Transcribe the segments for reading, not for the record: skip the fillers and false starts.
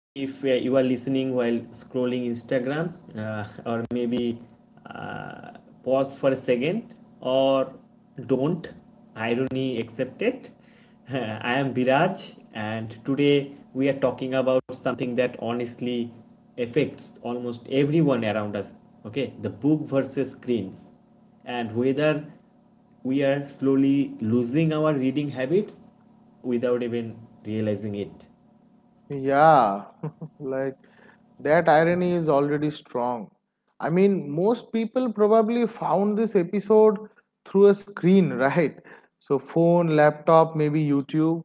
If you are listening while scrolling Instagram, or maybe uh, pause for a second, or don't, irony accepted. I am Biraj, and today we are talking about something that honestly affects almost everyone around us. Okay, the book versus screens, and whether we are slowly losing our reading habits without even realizing it. Yeah, like that irony is already strong. I mean, most people probably found this episode through a screen, right? So, phone, laptop, maybe YouTube.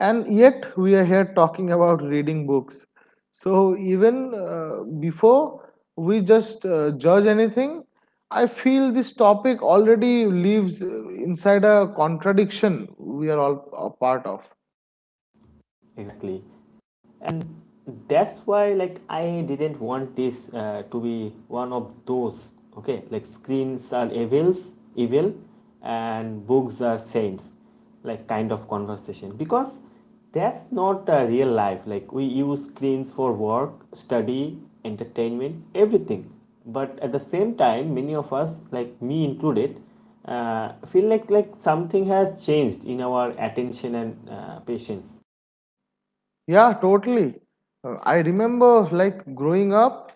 And yet, we are here talking about reading books. So, even before we just judge anything, I feel this topic already lives inside a contradiction we are all a part of. Exactly. And that's why, like, I didn't want this to be one of those, okay, like screens are evil and books are saints, like, kind of conversation because that's not real life. Like, we use screens for work, study, entertainment, everything, but at the same time, many of us, like me included, feel like something has changed in our attention and patience. Yeah, totally. I remember like growing up,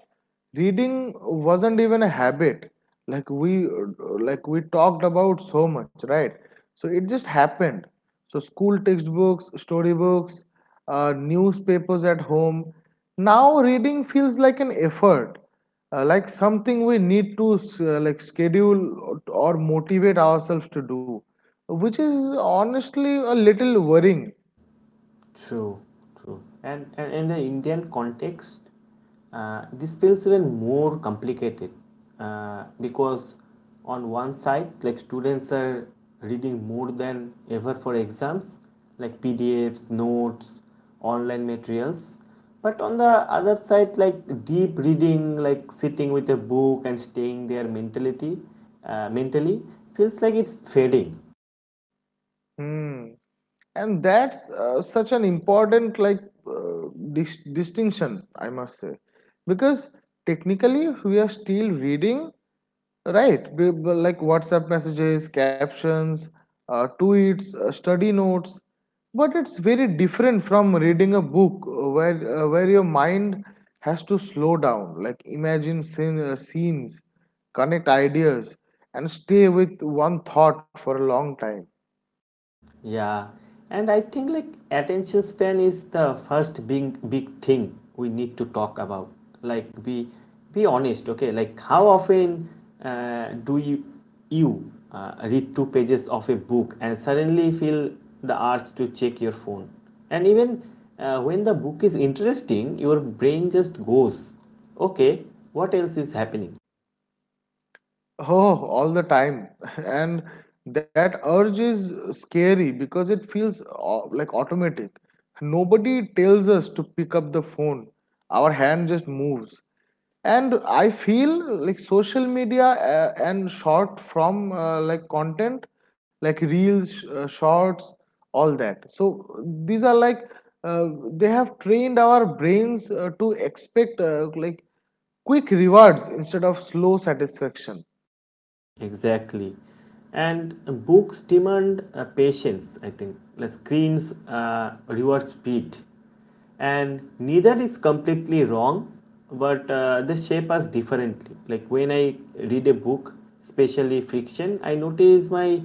reading wasn't even a habit. Like we like we talked about so much, right? So it just happened. So school textbooks, storybooks, newspapers at home. Now reading feels like an effort, like something we need to like schedule or motivate ourselves to do, which is honestly a little worrying. True, true. And in the Indian context, this feels even more complicated because on one side, like, students are reading more than ever for exams, like PDFs, notes, online materials. But on the other side, like deep reading, like sitting with a book and staying there mentality, mentally, feels like it's fading. Hmm. And that's such an important like uh, distinction I must say, because technically we are still reading, right? Like WhatsApp messages, captions, tweets, study notes. But it's very different from reading a book where your mind has to slow down, like imagine scenes, connect ideas, and stay with one thought for a long time. Yeah, and I think like attention span is the first big thing we need to talk about. Like, be honest, okay? Like, how often do you read two pages of a book and suddenly feel the urge to check your phone? And even when the book is interesting, your brain just goes, okay, what else is happening? Oh, all the time. And that urge is scary because it feels like automatic. Nobody tells us to pick up the phone. Our hand just moves. And I feel like social media and short from like content, like reels, shorts, all that. So these are like they have trained our brains to expect like quick rewards instead of slow satisfaction. Exactly. And books demand patience, I think. Like, screens reward speed. And neither is completely wrong, but they shape us differently. Like, when I read a book, especially fiction, I notice my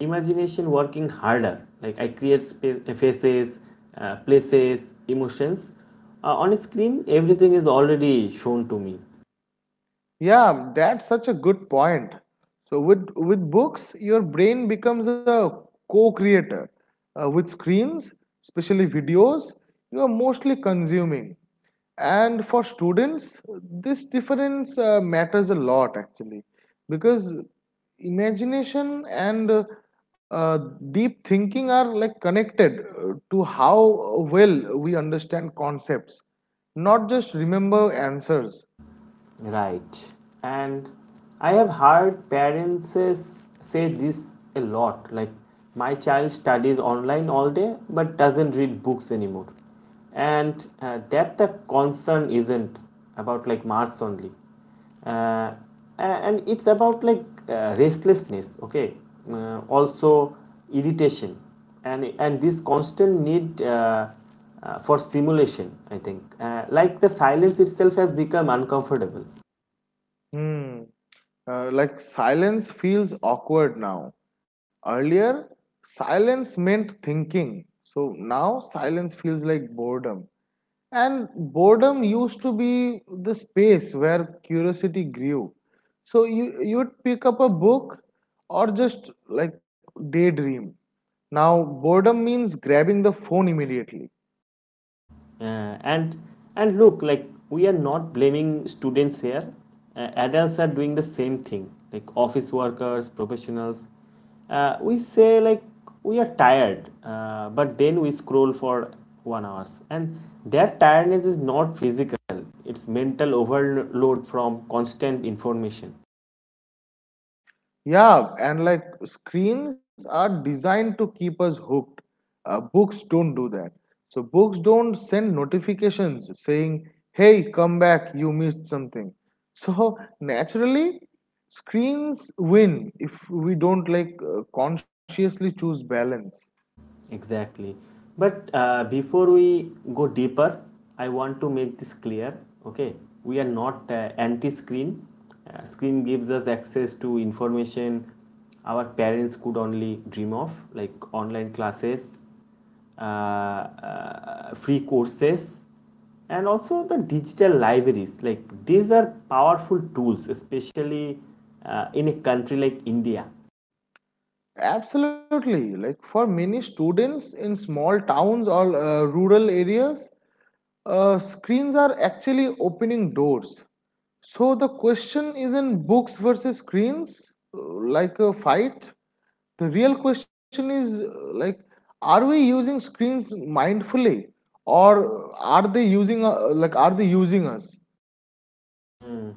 imagination working harder. Like, I create space, faces, places, emotions. On a screen, everything is already shown to me. Yeah, that's such a good point. So with books, your brain becomes a co-creator. With screens, especially videos, you are mostly consuming. And for students, this difference matters a lot, actually, because imagination and uh, deep thinking are like connected to how well we understand concepts, not just remember answers. Right. And I have heard parents say this a lot, like, my child studies online all day but doesn't read books anymore. And that the concern isn't about like marks only, uh, and it's about like restlessness, okay, also irritation, and this constant need for stimulation, I think. Like, the silence itself has become uncomfortable. Hmm. Like silence feels awkward now. Earlier, silence meant thinking. So now silence feels like boredom. And boredom used to be the space where curiosity grew. So you would pick up a book or just like daydream. Now boredom means grabbing the phone immediately. uh, and and look, like, we are not blaming students here. Adults are doing the same thing, like office workers, professionals. We say like we are tired, but then we scroll for 1 hours, and their tiredness is not physical, it's mental overload from constant information. Yeah, and like screens are designed to keep us hooked. Books don't do that. So, books don't send notifications saying, hey, come back, you missed something. So, naturally, screens win if we don't like consciously choose balance. Exactly. But before we go deeper, I want to make this clear. Okay, we are not anti-screen. Screen gives us access to information our parents could only dream of, like online classes, free courses, and also the digital libraries. Like, these are powerful tools, especially in a country like India. Absolutely. Like for many students in small towns or rural areas, screens are actually opening doors. So the question isn't books versus screens, like a fight. The real question is, like, are we using screens mindfully, or are they using us? Hmm.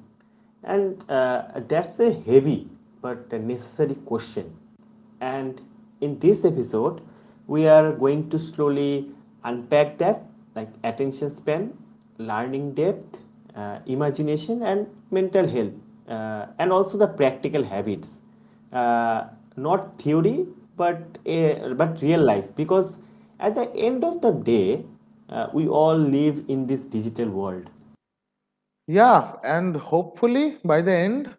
And that's a heavy but a necessary question. And in this episode, we are going to slowly unpack that, like attention span, learning depth, imagination, and mental health, and also the practical habits. Uh, Not theory, but, but real life. Because at the end of the day, we all live in this digital world. Yeah, and hopefully by the end,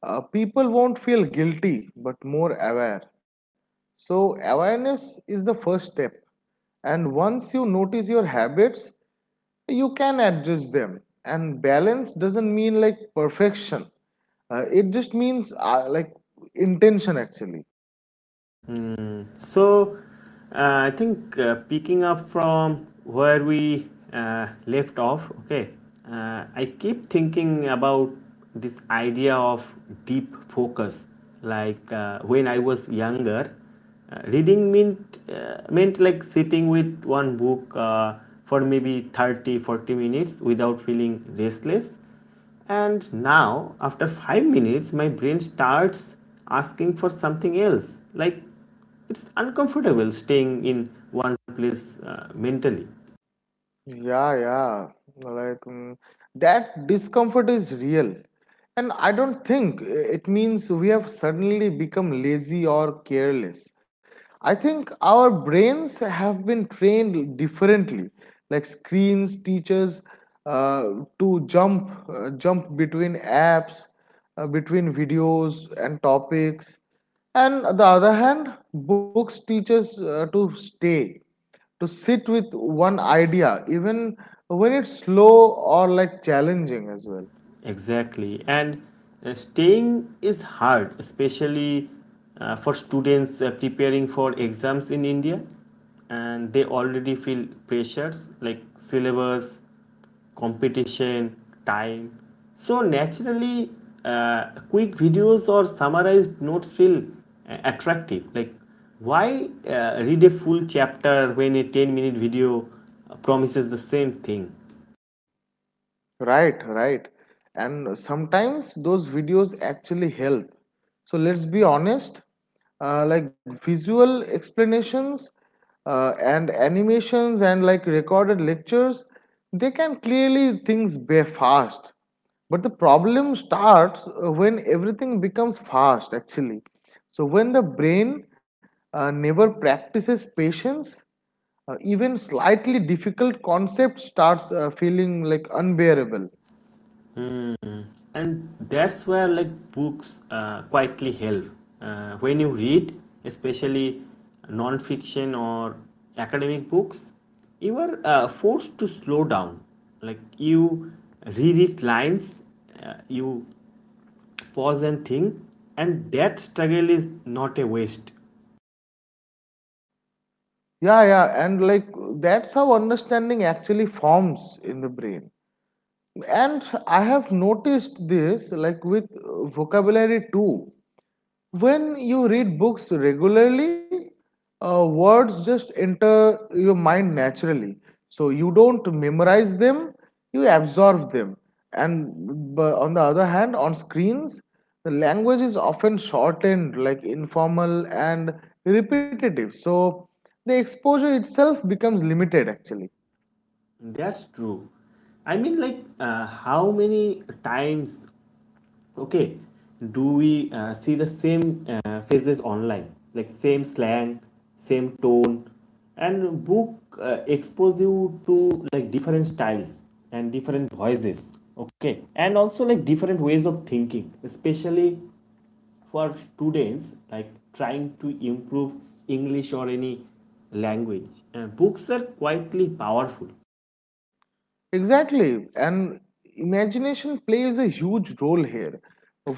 people won't feel guilty but more aware. So, awareness is the first step. And once you notice your habits, you can adjust them. And balance doesn't mean like perfection, it just means like intention, actually. So, I think picking up from where we left off, okay, I keep thinking about this idea of deep focus. Like, when I was younger, reading meant like sitting with one book for maybe 30, 40 minutes without feeling restless, and now, after 5 minutes, my brain starts asking for something else. Like, it's uncomfortable staying in one place mentally. Yeah, yeah. Like that discomfort is real. And I don't think it means we have suddenly become lazy or careless. I think our brains have been trained differently, like screens, teachers, uh, to jump between apps, between videos and topics. And on the other hand, books teach us to stay, to sit with one idea, even when it's slow or like challenging as well. Exactly. And staying is hard, especially for students preparing for exams in India. And they already feel pressures like syllabus, competition, time. So, naturally, quick videos or summarized notes feel attractive. Like, why read a full chapter when a 10-minute video promises the same thing? Right, right. And sometimes those videos actually help. So let's be honest, like visual explanations and animations and like recorded lectures, they can clearly things be fast. But the problem starts when everything becomes fast, actually. So when the brain never practices patience, even slightly difficult concept starts feeling like unbearable. And that's where like books quietly help. When you read, especially non-fiction or academic books, you are forced to slow down. Like, you reread lines, you pause and think, and that struggle is not a waste. Yeah, yeah, and like that's how understanding actually forms in the brain. And I have noticed this like with vocabulary too. When you read books regularly, words just enter your mind naturally. So you don't memorize them, you absorb them. And on the other hand, on screens, the language is often shortened, like informal and repetitive. So the exposure itself becomes limited, actually. That's true. I mean, like, how many times, okay, do we see the same faces online, like same slang, same tone, and book expose you to like different styles and different voices. Okay, and also like different ways of thinking, especially for students like trying to improve English or any language. Books are quietly powerful. Exactly, and imagination plays a huge role here.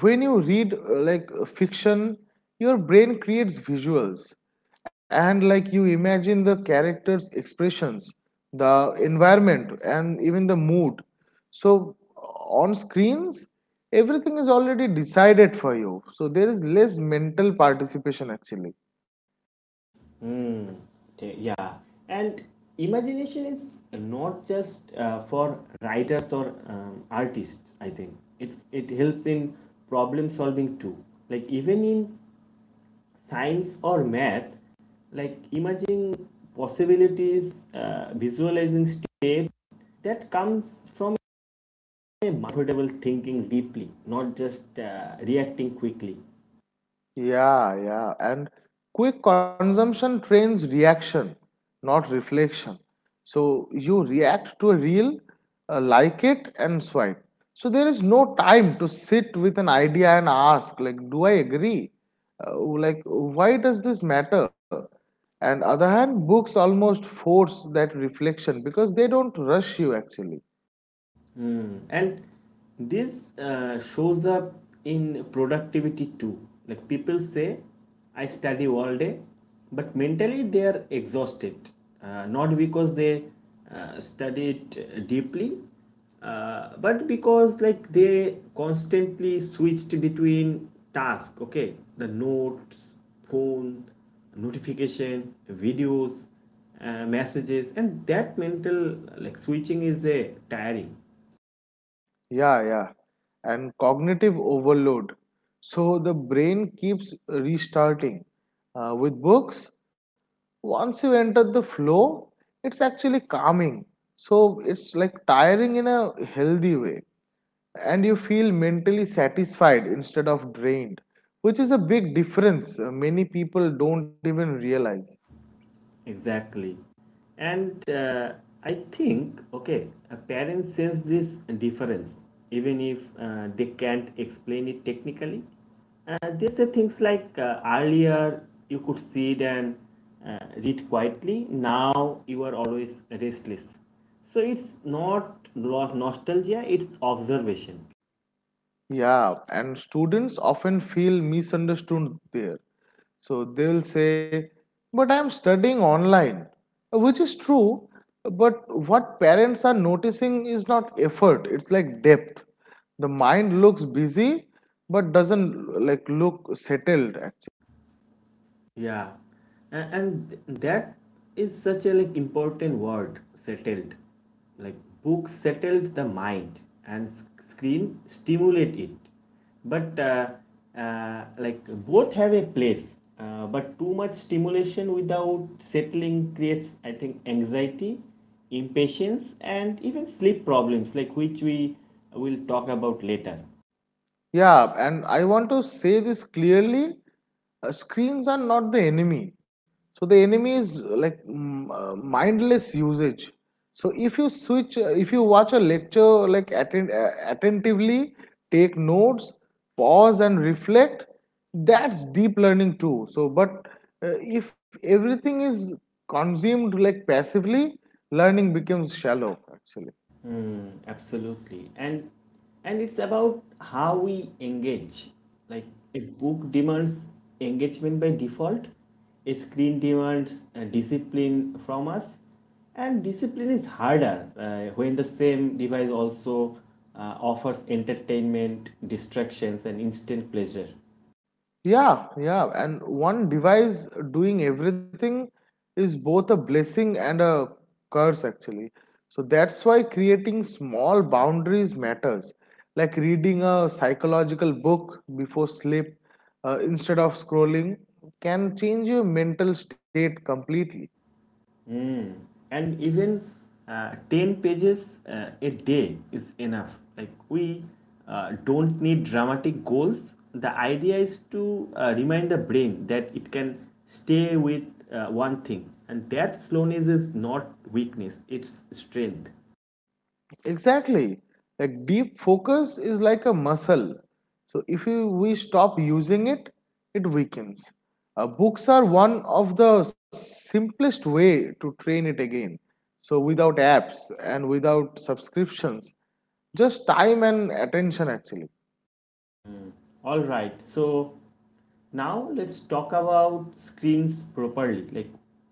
When you read fiction, your brain creates visuals and like you imagine the characters' expressions, the environment, and even the mood. So, on screens, everything is already decided for you, so there is less mental participation, actually. Hmm. Yeah, and imagination is not just for writers or artists. I think it helps in problem solving too. Like, even in science or math, like imagining possibilities, visualizing steps, that comes from a comfortable thinking deeply, not just reacting quickly. Yeah, yeah. And quick consumption trains reaction, not reflection. So you react to a reel, like it, and swipe. So there is no time to sit with an idea and ask, like, do I agree? Like, why does this matter? And other hand, books almost force that reflection because they don't rush you actually. Mm. And this shows up in productivity too. Like people say, I study all day, but mentally they are exhausted. Not because they studied deeply, but because, like, they constantly switched between tasks. Okay, the notes, phone, notification, videos, messages, and that mental like switching is a tiring. Yeah, yeah. And cognitive overload. So the brain keeps restarting. With books, once you enter the flow, it's actually calming. So it's like tiring in a healthy way. And you feel mentally satisfied instead of drained, which is a big difference many people don't even realize. Exactly. And I think, okay, parents sense this difference, even if they can't explain it technically. They say things like, earlier you could sit and read quietly, now you are always restless. So it's not nostalgia, it's observation. Yeah, and students often feel misunderstood there. So they will say, but I am studying online, which is true. But what parents are noticing is not effort, it's like depth. The mind looks busy but doesn't like look settled, actually. Yeah, and that is such a like important word, settled. Like, book settled the mind and screen stimulate it. But like, both have a place. But too much stimulation without settling creates, I think, anxiety, impatience, and even sleep problems, like, which we will talk about later. Yeah, and I want to say this clearly. Screens are not the enemy. So the enemy is mindless usage. So if you watch a lecture like attentively, take notes, pause and reflect, that's deep learning too. So, but if everything is consumed like passively, learning becomes shallow, actually. Hmm, absolutely. And it's about how we engage. Like, a book demands engagement by default, a screen demands discipline from us, and discipline is harder when the same device also offers entertainment, distractions, and instant pleasure. Yeah, yeah. And one device doing everything is both a blessing and a curse, actually. So that's why creating small boundaries matters, like reading a psychological book before sleep instead of scrolling can change your mental state completely. Mm. And even 10 pages a day is enough. Like, we don't need dramatic goals. The idea is to remind the brain that it can stay with one thing. And that slowness is not weakness, it's strength. Exactly. Like deep focus is like a muscle. So if you, we stop using it, it weakens. Books are one of the simplest way to train it again. So without apps and without subscriptions, just time and attention, actually. All right, so now let's talk about screens properly, like,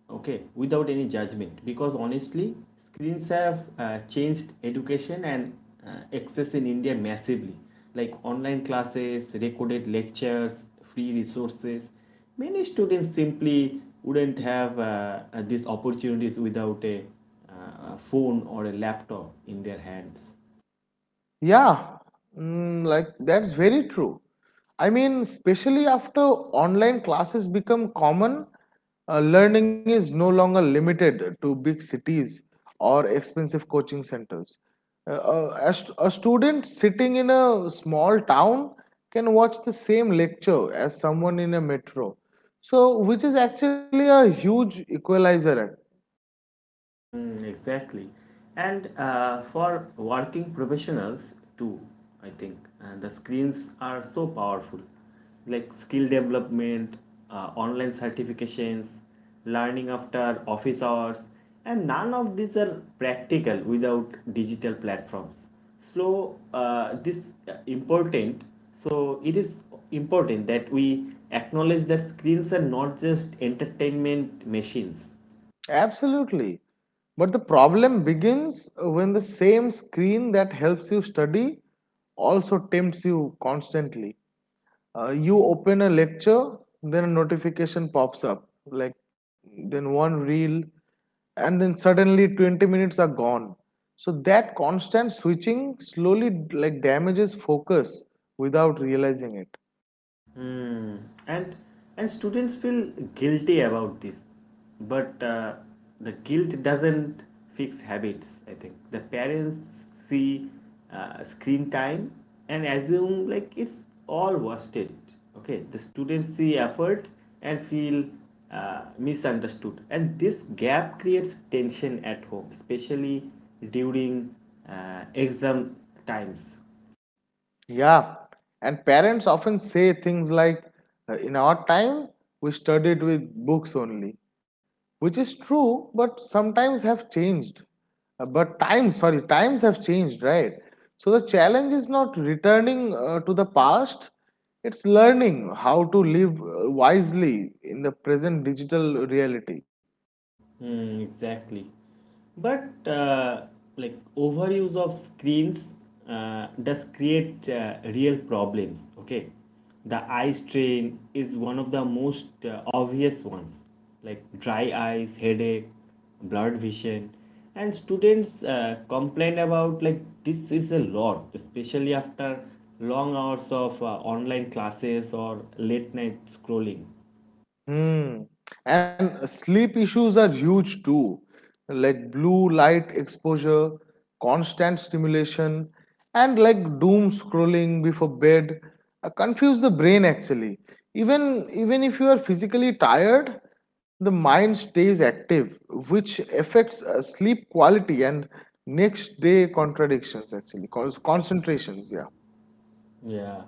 okay, without any judgment, because honestly, screens have changed education and access in India massively. Like online classes, recorded lectures, free resources, many students simply wouldn't have these opportunities without a a phone or a laptop in their hands. Yeah, like that's very true. I mean, especially after online classes become common, learning is no longer limited to big cities or expensive coaching centers. A student sitting in a small town can watch the same lecture as someone in a metro. So, which is actually a huge equalizer. Mm, exactly. And for working professionals too, I think. And the screens are so powerful. Like, skill development, online certifications, learning after office hours, and none of these are practical without digital platforms. So this important. So it is important that we acknowledge that screens are not just entertainment machines. Absolutely. But the problem begins when the same screen that helps you study also tempts you constantly. You open a lecture, then a notification pops up, like then one reel, and then suddenly 20 minutes are gone. So that constant switching slowly like damages focus without realizing it. Hmm. And and students feel guilty about this, but the guilt doesn't fix habits. I think the parents see screen time and assume like it's all worth it. Okay, the students see effort and feel misunderstood, and this gap creates tension at home, especially during exam times. Yeah, and parents often say things like, "In our time, we studied with books only," which is true, but sometimes have changed. But times have changed, right? So the challenge is not returning to the past, it's learning how to live wisely in the present digital reality. Hmm, exactly. But like overuse of screens does create real problems. Okay, the eye strain is one of the most obvious ones, like dry eyes, headache, blurred vision, and students complain about like this is a lot, especially after long hours of online classes or late night scrolling. Hmm. And sleep issues are huge too, like blue light exposure, constant stimulation, and like doom scrolling before bed confuse the brain, actually. Even if you are physically tired, the mind stays active, which affects sleep quality and next day contradictions, actually, cause concentrations. Yeah. Yeah,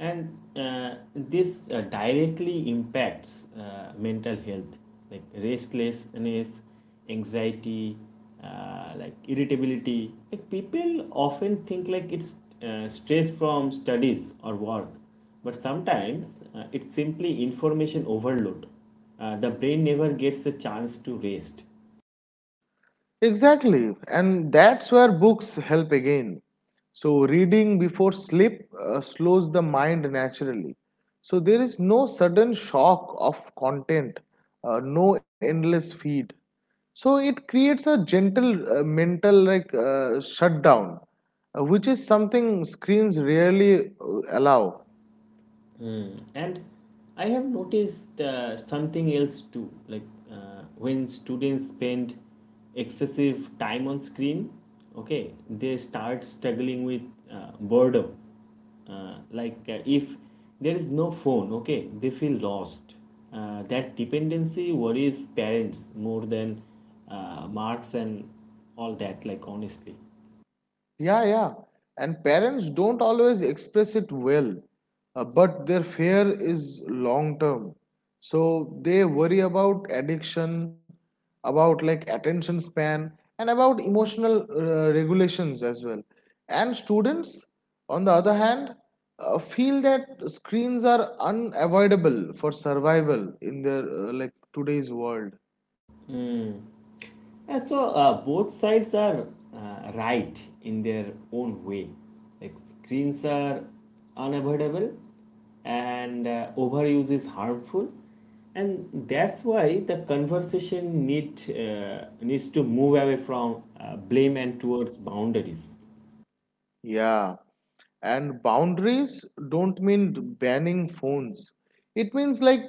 and this directly impacts mental health, like restlessness, anxiety, like irritability. Like, people often think like it's stress from studies or work, but sometimes it's simply information overload. The brain never gets a chance to rest. Exactly, and that's where books help again. So, reading before sleep slows the mind naturally. So, there is no sudden shock of content, no endless feed. So, it creates a gentle mental like shutdown, which is something screens rarely allow. Mm. And I have noticed something else too. Like, when students spend excessive time on screen, okay, they start struggling with boredom. Like, if there is no phone, okay, they feel lost. That dependency worries parents more than marks and all that. Like, honestly. Yeah, yeah. And parents don't always express it well, but their fear is long term. So they worry about addiction, about like attention span, and about emotional regulations as well. And students, on the other hand, feel that screens are unavoidable for survival in their like today's world. Mm. Yeah, so both sides are right in their own way. Like, screens are unavoidable and overuse is harmful. And that's why the conversation needs to move away from blame and towards boundaries. Yeah, and boundaries don't mean banning phones. It means like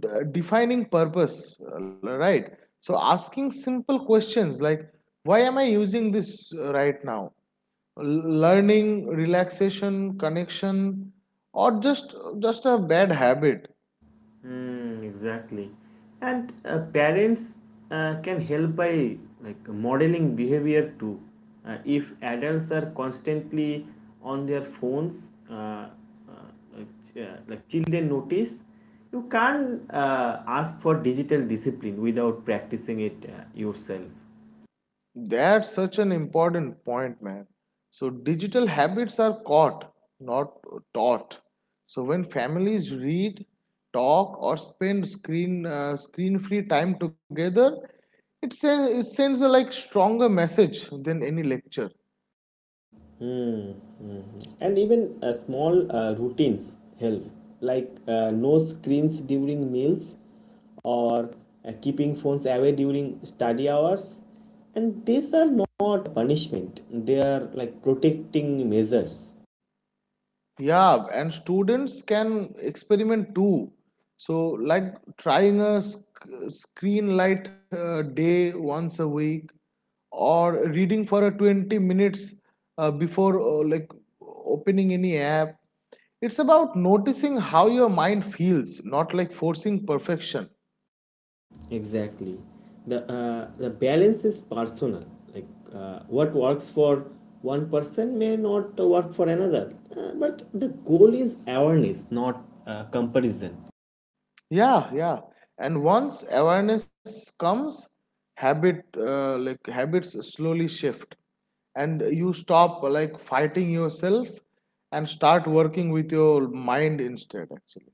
defining purpose, right? So asking simple questions like, why am I using this right now? Learning, relaxation, connection, or just a bad habit. Mm, exactly. And parents can help by like modeling behavior too. If adults are constantly on their phones, uh, like, like, children notice, you can't ask for digital discipline without practicing it yourself. That's such an important point, man. So, digital habits are caught, not taught. So, when families read, talk, or spend screen free time together, it sends a like stronger message than any lecture. Mm, mm. And even small routines help, like no screens during meals or keeping phones away during study hours. And these are not punishment, they are like protecting measures. Yeah, and students can experiment too. So, like trying a screen light day once a week or reading for 20 minutes before like opening any app. It's about noticing how your mind feels, not like forcing perfection. Exactly. The balance is personal. Like, what works for one person may not work for another. But the goal is awareness, not comparison. Yeah, yeah, and once awareness comes, habits slowly shift and you stop like fighting yourself and start working with your mind instead, actually.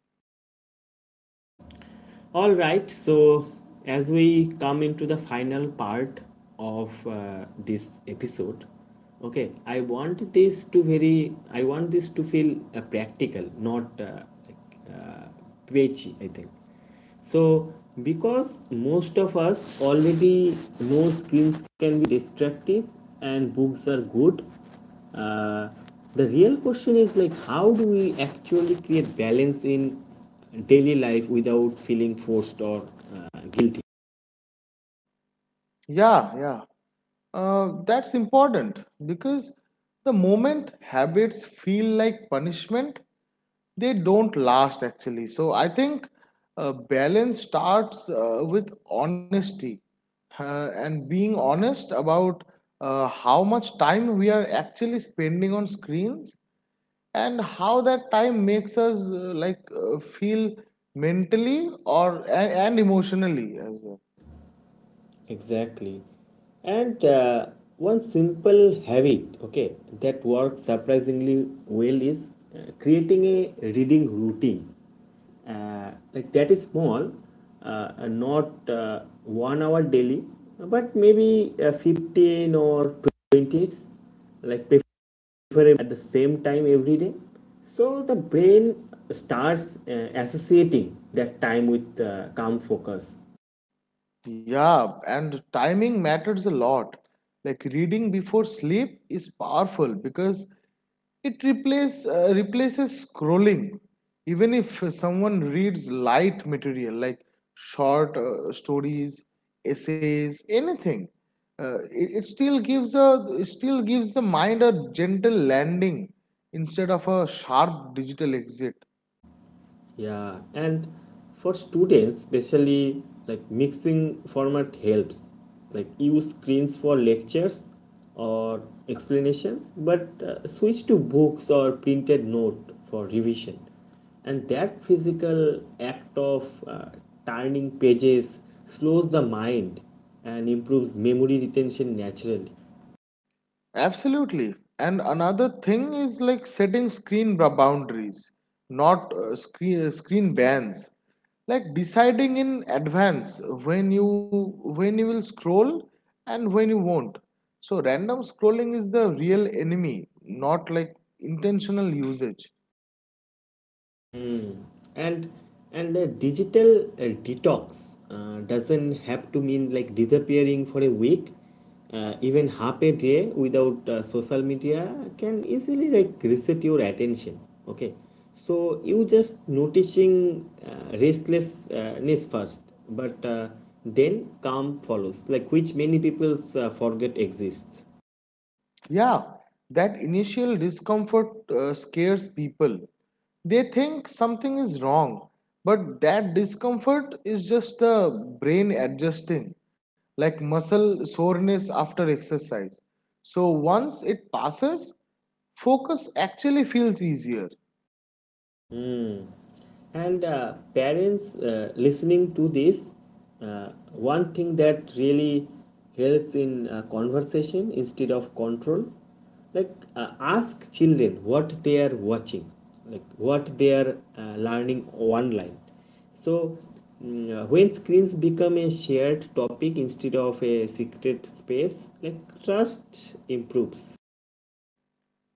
All right, so as we come into the final part of this episode, okay, I want this to I want this to feel practical, not like preachy, I think. So, because most of us already know screens can be destructive and books are good, uh, the real question is like how do we actually create balance in daily life without feeling forced or guilty. Yeah, yeah. That's important because the moment habits feel like punishment, they don't last, actually. So I think balance starts with honesty, and being honest about how much time we are actually spending on screens and how that time makes us feel mentally and emotionally as well. Exactly. And one simple habit, okay, that works surprisingly well is creating a reading routine like that is small, not 1 hour daily, but maybe 15 or 20 minutes, like at the same time every day, so the brain starts associating that time with calm focus. Yeah, and timing matters a lot. Like reading before sleep is powerful because replaces scrolling. Even if someone reads light material like short stories, essays, anything, it still gives the mind a gentle landing instead of a sharp digital exit. Yeah. And for students, especially like mixing format helps. Like use screens for lectures or explanations, but switch to books or printed note for revision. And that physical act of turning pages slows the mind and improves memory retention naturally. Absolutely. And another thing is like setting screen boundaries, not screen bans. Like deciding in advance when you will scroll and when you won't. So random scrolling is the real enemy, not like intentional usage. Hmm. And and a digital detox doesn't have to mean like disappearing for a week. Even half a day without social media can easily like reset your attention. Okay, so you just noticing restlessness first, but then calm follows. Like which many people's forget exists. Yeah, that initial discomfort scares people. They think something is wrong, but that discomfort is just the brain adjusting, like muscle soreness after exercise. So once it passes, focus actually feels easier. Mm. And parents listening to this, uh, one thing that really helps in conversation instead of control, like uh, ask children what they are watching, like what they are learning online. So when screens become a shared topic instead of a secret space, like trust improves.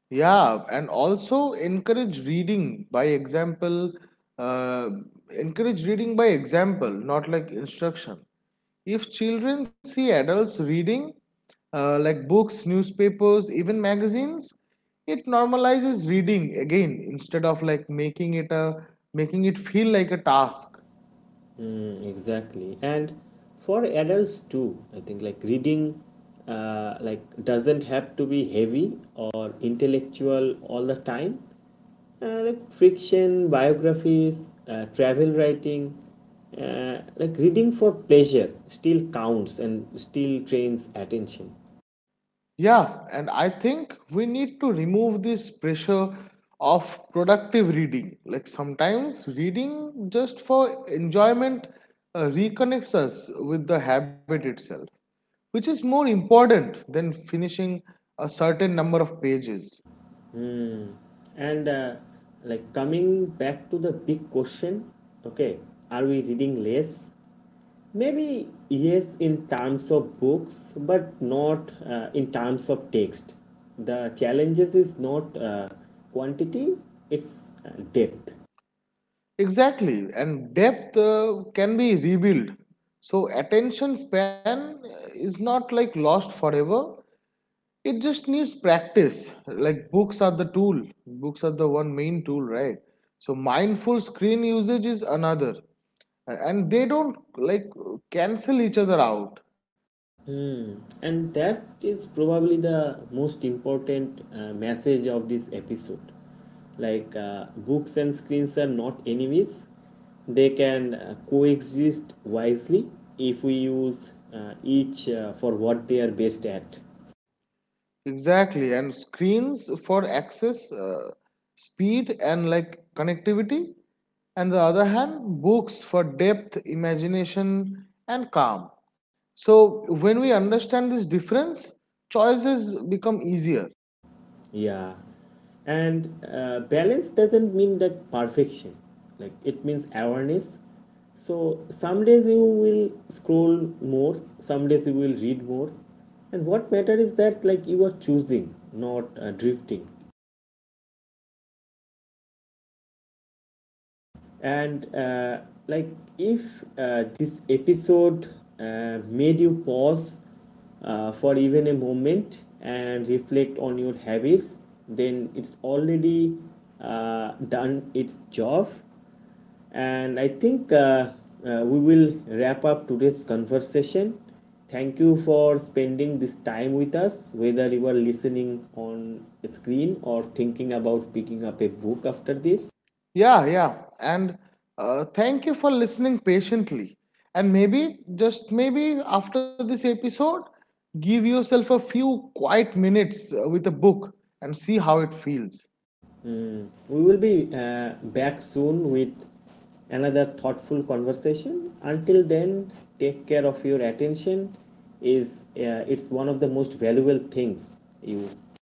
Yeah, and also encourage reading by example. Uh, not like instruction. If children see adults reading, like books, newspapers, even magazines, it normalizes reading again instead of like making it feel like a task. Mm, exactly. And for adults too, I think like reading like doesn't have to be heavy or intellectual all the time. Like fiction, biographies, travel writing, like reading for pleasure still counts and still trains attention. Yeah, and I think we need to remove this pressure of productive reading. Like sometimes reading just for enjoyment reconnects us with the habit itself, which is more important than finishing a certain number of pages. Hmm. And like coming back to the big question, okay, are we reading less? Maybe yes, in terms of books, but not in terms of text. The challenges is not quantity, it's depth. Exactly, and depth can be rebuilt. So attention span is not like lost forever. It just needs practice. Like books are the tool. Books are the one main tool, right? So mindful screen usage is another. And they don't like cancel each other out. Hmm. And that is probably the most important message of this episode. Like, books and screens are not enemies, they can coexist wisely if we use each for what they are best at. Exactly. And screens for access, speed, and like connectivity. And the other hand, books for depth, imagination, and calm. So when we understand this difference, choices become easier. Yeah. And balance doesn't mean that perfection. Like it means awareness. So some days you will scroll more, some days you will read more. And what matters is that like you are choosing, not drifting. And like if this episode made you pause for even a moment and reflect on your habits, then it's already done its job. And I think we will wrap up today's conversation. Thank you for spending this time with us, whether you are listening on a screen or thinking about picking up a book after this. Yeah, yeah. And thank you for listening patiently. And maybe, just maybe, after this episode, give yourself a few quiet minutes with a book and see how it feels. We will be back soon with another thoughtful conversation. Until then, take care of your attention. Is It's one of the most valuable things you